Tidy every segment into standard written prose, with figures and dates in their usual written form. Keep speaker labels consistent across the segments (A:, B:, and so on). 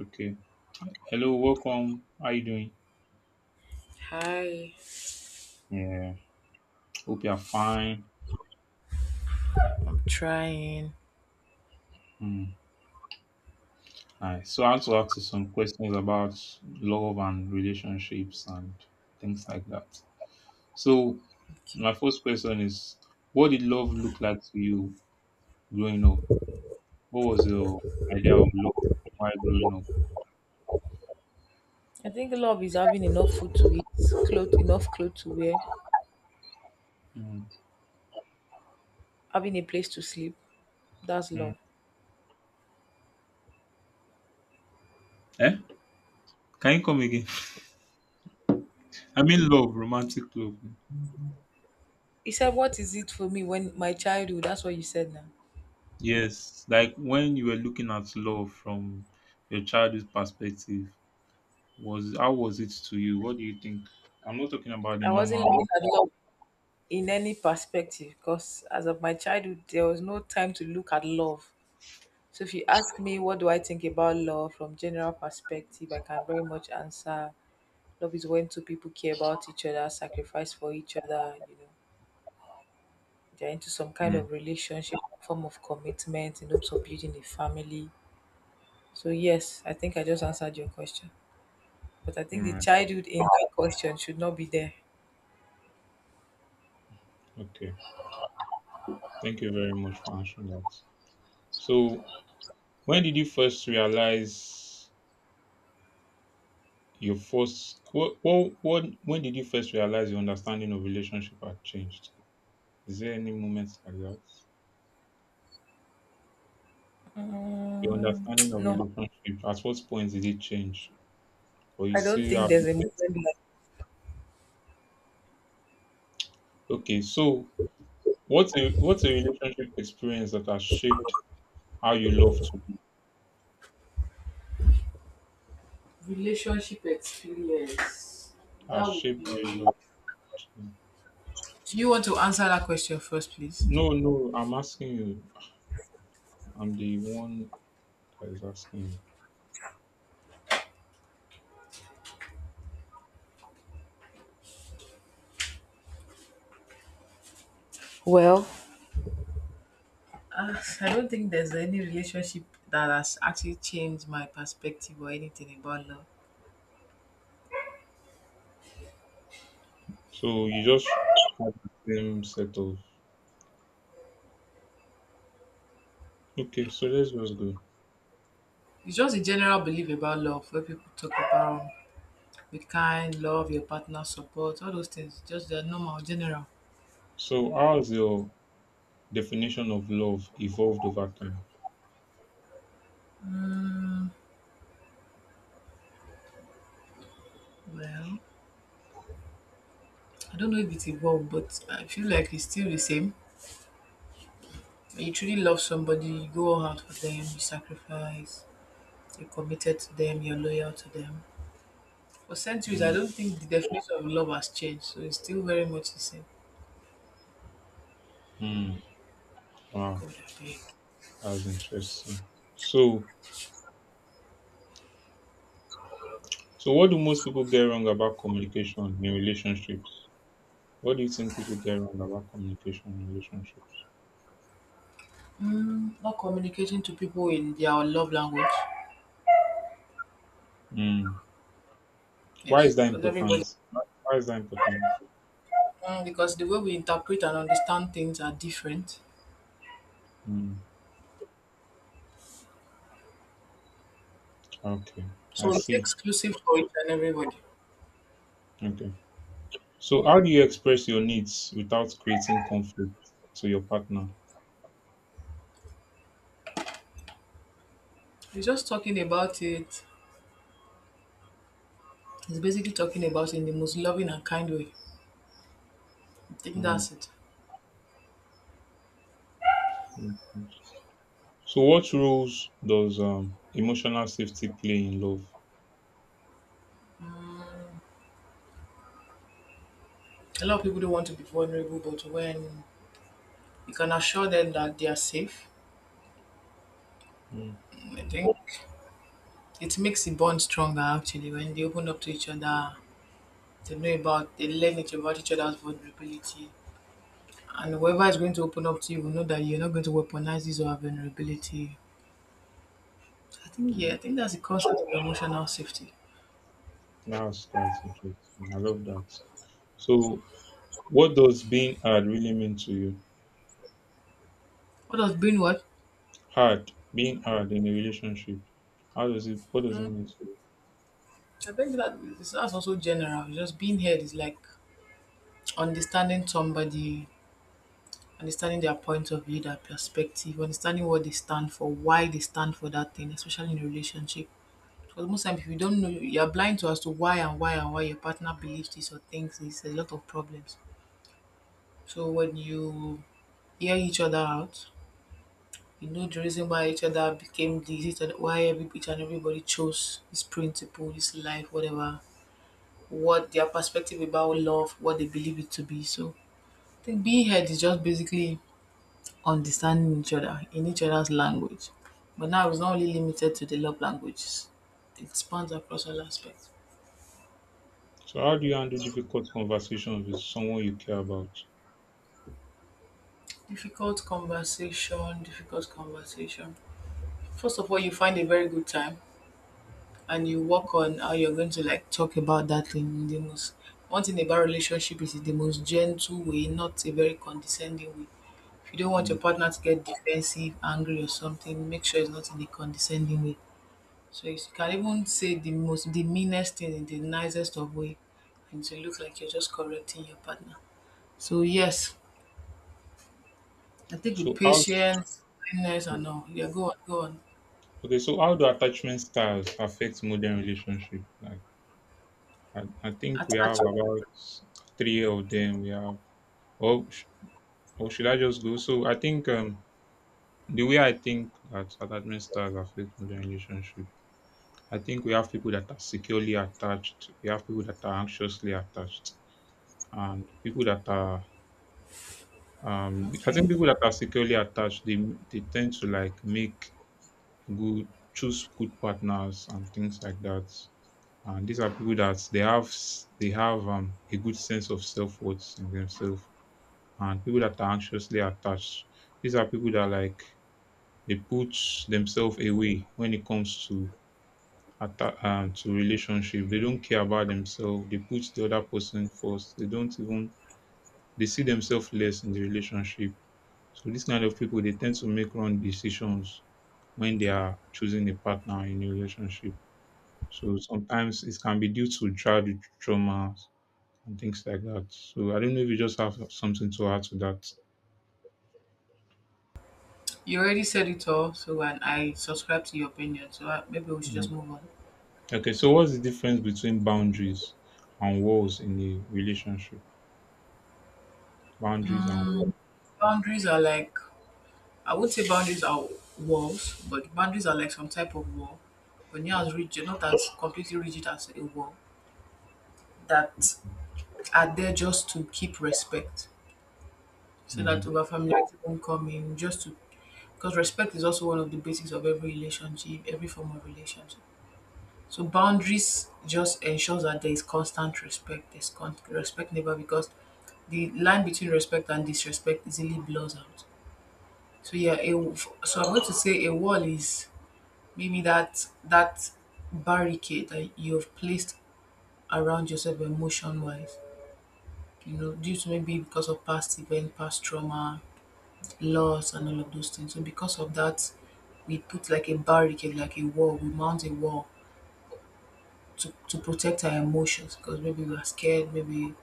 A: Okay. Hello, welcome. How you doing?
B: Hi,
A: Yeah. Hope you're fine.
B: I'm trying.
A: Hmm. Nice. So I want to ask you some questions about love and relationships and things like that. So
B: Okay.
A: my first question is, what did love look like to you growing up? What was your idea of love while growing up?
B: I think love is having enough food to eat, clothes, enough clothes to wear,
A: Hmm.
B: having a place to sleep. That's
A: Hmm.
B: love.
A: Eh? Can you come again? I mean love, romantic love.
B: He said, what is it for me when my childhood? That's what you said now.
A: Yes. Like when you were looking at love from your childhood perspective, Was how was it to you? What do you think? I'm not talking about the
B: I wasn't looking
A: normal.
B: at love in any perspective because as of my childhood, there was no time to look at love. So if you ask me, what do I think about love from general perspective? I can very much answer love is when two people care about each other, sacrifice for each other, they're into some kind
A: Mm,
B: of relationship, form of commitment in hopes of building a family. So yes, I think I just answered your question. But I
A: all
B: think the
A: right.
B: childhood in that question should not be there.
A: Okay. Thank you very much for answering that. So, when did you first realize your first? What? What? What when did you first realize your understanding of relationship had changed? Is there any moment like that? Your
B: Mm,
A: understanding of
B: no,
A: relationship. At what point did it change? Or you
B: I don't
A: still
B: think
A: have
B: there's
A: the
B: a moment
A: same?
B: like
A: Okay. So, what's a relationship experience that has shaped how you love to? Be?
B: relationship experience.
A: Has
B: That would
A: shaped how you
B: be.
A: love to? Be?
B: Do you want to answer that question first, please?
A: No, no, I'm asking you. I'm the one that is asking you.
B: Well, Uh, I don't think there's any relationship that has actually changed my perspective or anything about love.
A: So you just have the same set of. Okay, so let's just go.
B: It's just a general belief about love where people talk about with kind love, your partner support, all those things. Just the normal, general.
A: So how has your definition of love evolved over time?
B: Well, I don't know if it's evolved, but I feel like it's still the same. When you truly love somebody, you go all out for them, you sacrifice, you're committed to them, you're loyal to them. For centuries, I
A: Mm.
B: don't think the definition of love has changed, so it's still very much the same.
A: Mm. Wow,
B: God, I beg.
A: that's interesting. So, so what do most people get wrong about communication in relationships? What do you think people get wrong about communication in relationships?
B: Mm, not communicating to people in their love language.
A: Mm. Why is
B: Yes,
A: that
B: because everybody
A: important? Why is that important?
B: mm, because the way we interpret and understand things are different.
A: Mm. Okay, I
B: So it's
A: see.
B: exclusive for each and everybody.
A: Okay. So, how do you express your needs without creating conflict to your partner?
B: He's just talking about it. He's basically talking about it in the most loving and kind way. I think
A: Mm,
B: that's it.
A: yeah. So, what roles does emotional safety play in love?
B: A lot of people don't want to be vulnerable, but when you can assure them that they are safe,
A: Mm,
B: I think it makes the bond stronger actually. When they open up to each other, they know about, they learn each about each other's vulnerability. And whoever is going to open up to you will know that you're not going to weaponize his or her vulnerability. I think yeah, I
A: mm.
B: think that's the concept of emotional safety.
A: That's quite interesting. I love that. So, what does being hard really mean to you?
B: What does being what?
A: Hard, being hard in a relationship. How does it? What does it mean to you?
B: I think that's also general. Just being heard is like understanding somebody, understanding their point of view, their perspective, understanding what they stand for, why they stand for that thing, especially in a relationship. Because most times, if you don't know, you're blind to as to why and why and why your partner believes this or thinks this. There's a lot of problems. So when you hear each other out, you know the reason why each other became this, each other, why every, each and everybody chose this principle, this life, whatever, what their perspective about love, what they believe it to be. So I think being heard is just basically understanding each other in each other's language. But now it's not only limited to the love languages, it spans across all aspects.
A: So, how do you handle difficult conversations with someone you care about?
B: Difficult conversation, difficult conversation. First of all, you find a very good time and you work on how you're going to like talk about that thing in the most, one thing about relationship is the most gentle way, not a very condescending way. If you don't want your
A: Mm.
B: partner to get defensive, angry or something, make sure it's not in a condescending way. So you can even say the most, the meanest thing in the nicest of way and to look like you're just correcting your partner. So yes, I think with
A: So, how?
B: patience, kindness and all. Yeah, go on, go on.
A: Okay, so how do attachment styles affect modern relationship? Like. I think we have
B: Attachment.
A: about three of them. We have, or, sh- or should I just go? So I think the way I think that attachment styles affect modern relationship, I think we have people that are securely attached. We have people that are anxiously attached, and people that are. I
B: Okay.
A: think people that are securely attached, they tend to like make good choose good partners and things like that. And these are people that they have s- they have a good sense of self worth in themselves and people that are anxiously attached. These are people that like they put themselves away when it comes to to relationship. They don't care about themselves. They put the other person first. They don't even they see themselves less in the relationship. So this kind of people they tend to make wrong decisions when they are choosing a partner in a relationship. So sometimes it can be due to childhood trauma and things like that. So I don't know if you just have something to add to that.
B: You already said it all, so and I subscribe to your opinion. So maybe we should just move on.
A: Okay, so what's the difference between boundaries and walls in a relationship? Boundaries and walls.
B: Boundaries are like, I would say boundaries are walls, but boundaries are like some type of wall, but not as rigid, not as completely rigid as a wall, that are there just to keep respect, so
A: Mm.
B: that over familiarity won't come in. Just to, because respect is also one of the basics of every relationship, every form of relationship. So boundaries just ensures that there is constant respect. Respect never, because the line between respect and disrespect easily blurs out. So yeah, so I'm going to say a wall is maybe that barricade that you've placed around yourself emotion wise. You know, due to maybe because of past event, past trauma, loss, and all of those things. So because of that, we put like a barricade, like a wall. We mount a wall to protect our emotions because maybe we're scared, maybe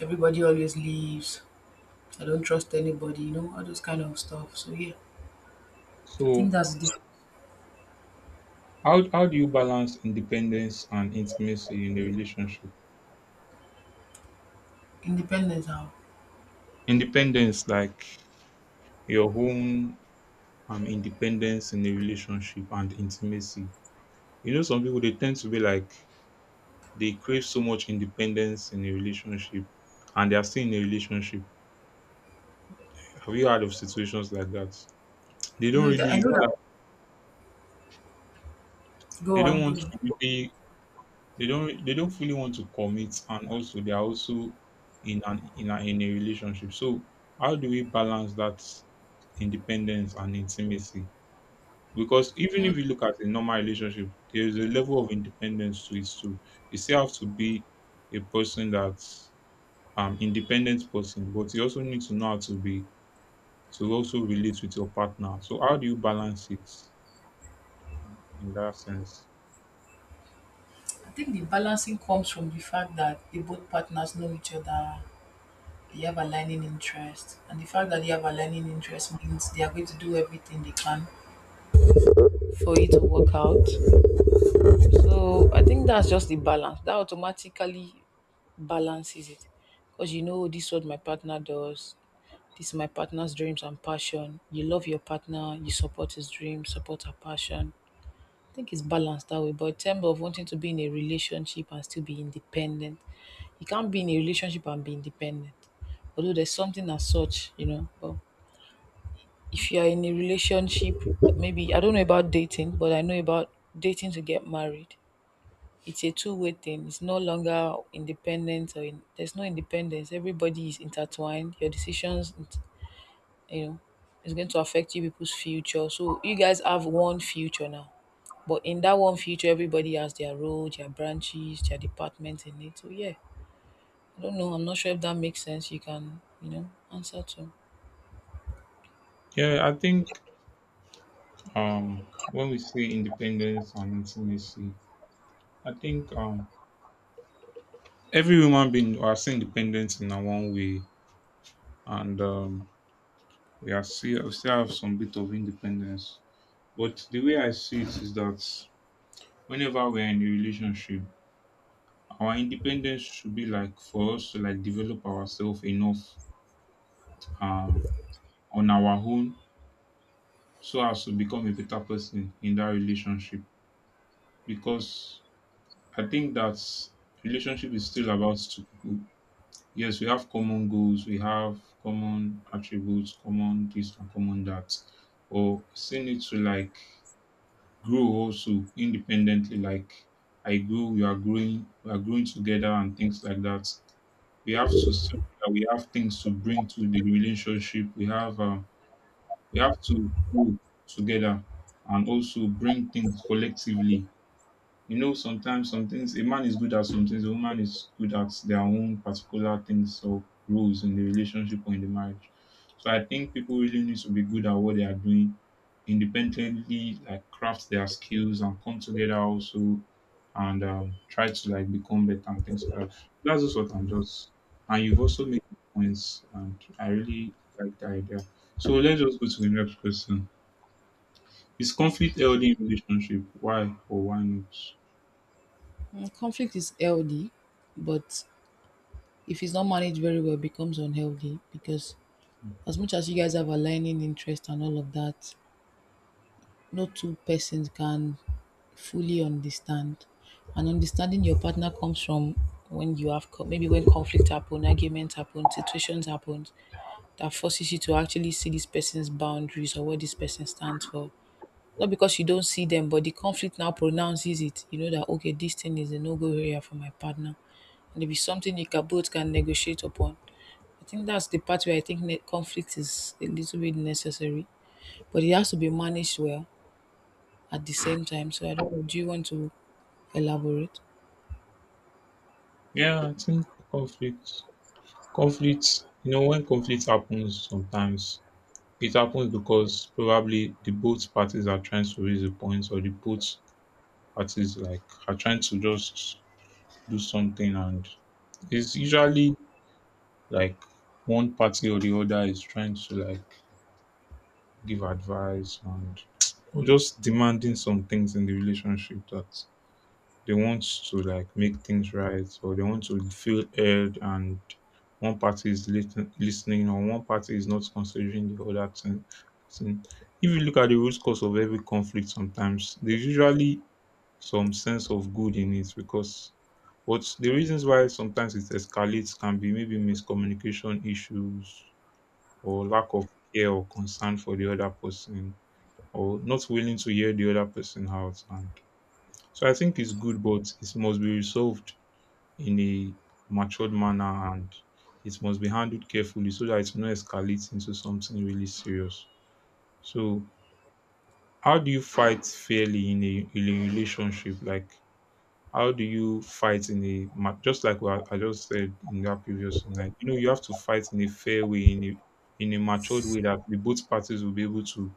B: everybody always leaves, I don't trust anybody, you know, all those kind of stuff. So yeah, I think
A: So
B: that's the
A: how do you balance independence and intimacy in a relationship?
B: independence, how?
A: Independence, like your own independence in a relationship and intimacy. You know, some people they tend to be like they crave so much independence in a relationship and they are still in a relationship. Have you heard of situations like that? They
B: I
A: don't
B: know that
A: really
B: I
A: it's
B: know
A: not
B: that
A: like
B: Go
A: they don't
B: on,
A: want
B: go
A: to
B: on.
A: really they don't fully want to commit, and also they are also in a relationship. So how do we balance that independence and intimacy? Because even if you look at a normal relationship, there is a level of independence to it too. You still have to be a person that's independent person, but you also need to know how to be to also relate with your partner. So how do you balance it in that sense?
B: I think the balancing comes from the fact that the both partners know each other, they have aligning interest, and the fact that they have aligning interest means they are going to do everything they can for it to work out. So I think that's just the balance. That automatically balances it. Because you know, this is what my partner does. This is my partner's dreams and passion. You love your partner, you support his dream, support her passion. I think it's balanced that way. But in terms of wanting to be in a relationship and still be independent, you can't be in a relationship and be independent. Although there's something as such, you know. But if you are in a relationship, maybe I don't know about dating, but I know about dating to get married, it's a two-way thing. It's no longer independent or in, there's no independence. Everybody is intertwined. Your decisions, it- you know, is going to affect you people's future. So you guys have one future now, but in that one future, everybody has their role, their branches, their departments in it. So yeah, I don't know. I'm not sure if that makes sense. You can, you know, answer to.
A: Yeah, I think um when we say independence and intimacy, I think every human being are still independent in our own way, and we still have some bit of independence. But the way I see it is that whenever we're in a relationship, our independence should be like for us to like develop ourselves enough um on our own, so as to become a better person in that relationship. Because I think that relationship is still about two people. Yes, we have common goals, we have common attributes, common this and common that. Or still need to like grow also independently, like I grow, you are growing, we are growing together and things like that. We have things to bring to the relationship. We have to grow together and also bring things collectively. You know, sometimes some things a man is good at, some things a woman is good at, their own particular things or roles in the relationship or in the marriage. So I think people really need to be good at what they are doing, independently like craft their skills and come together also, and try to like become better and things like that. That's just what I'm just, and you've also made points and I really like the idea. So let's just go to the next question. Is conflict healthy in relationship? Why or why not?
B: Mm, conflict is healthy, but if it's not managed very well, it becomes unhealthy because as much as you guys have aligning interest and all of that, no two persons can fully understand. And understanding your partner comes from when you have maybe when conflict happen, arguments happen, situations happen that forces you to actually see this person's boundaries or what this person stands for. Not because you don't see them, but the conflict now pronounces it. You know that okay, this thing is a no-go area for my partner, and if it's something you can both can negotiate upon. I think that's the part where I think conflict is a little bit necessary, but it has to be managed well at the same time. So I don't know. Do you want to elaborate?
A: Yeah, I think conflict, conflicts, you know, when conflict happens sometimes, it happens because probably the both parties are trying to raise a point, or the both parties like are trying to just do something. And it's usually like one party or the other is trying to like give advice and or just demanding some things in the relationship that they want to like make things right, or they want to feel heard, and one party is listen- listening or one party is not considering the other thing. Person. If you look at the root cause of every conflict sometimes, there's usually some sense of good in it because, but the reasons why sometimes it escalates can be maybe miscommunication issues or lack of care or concern for the other person, or not willing to hear the other person out. And so I think it's good, but it must be resolved in a matured manner, and it must be handled carefully so that it no escalates into something really serious. So how do you fight fairly in a relationship? Like how do you fight in a ma- just like what I just said in that previous night? You know, you have to fight in a fair way, in a matured way, that the both parties will be able to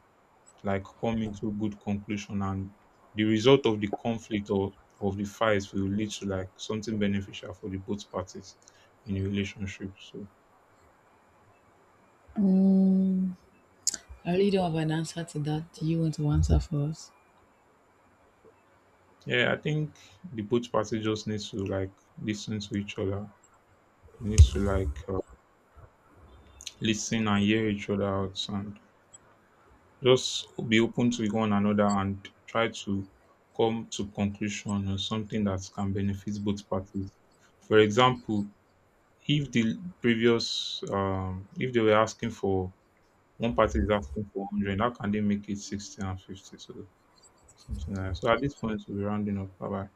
A: like come into good conclusion, and the result of the conflict or of the fights will lead to like something beneficial for the both parties in a relationship. So
B: Mm, I really don't have an answer to that. Do you want to answer for us?
A: yeah, I think the both parties just need to like listen to each other. They need to like listen and hear each other out, and just be open to one another and try to come to conclusion on something that can benefit both parties. For example, if the previous, if they were asking for one party is asking for 100, how can they make it 60 and 50? So something like that. So at this point, we'll be rounding up. Bye bye.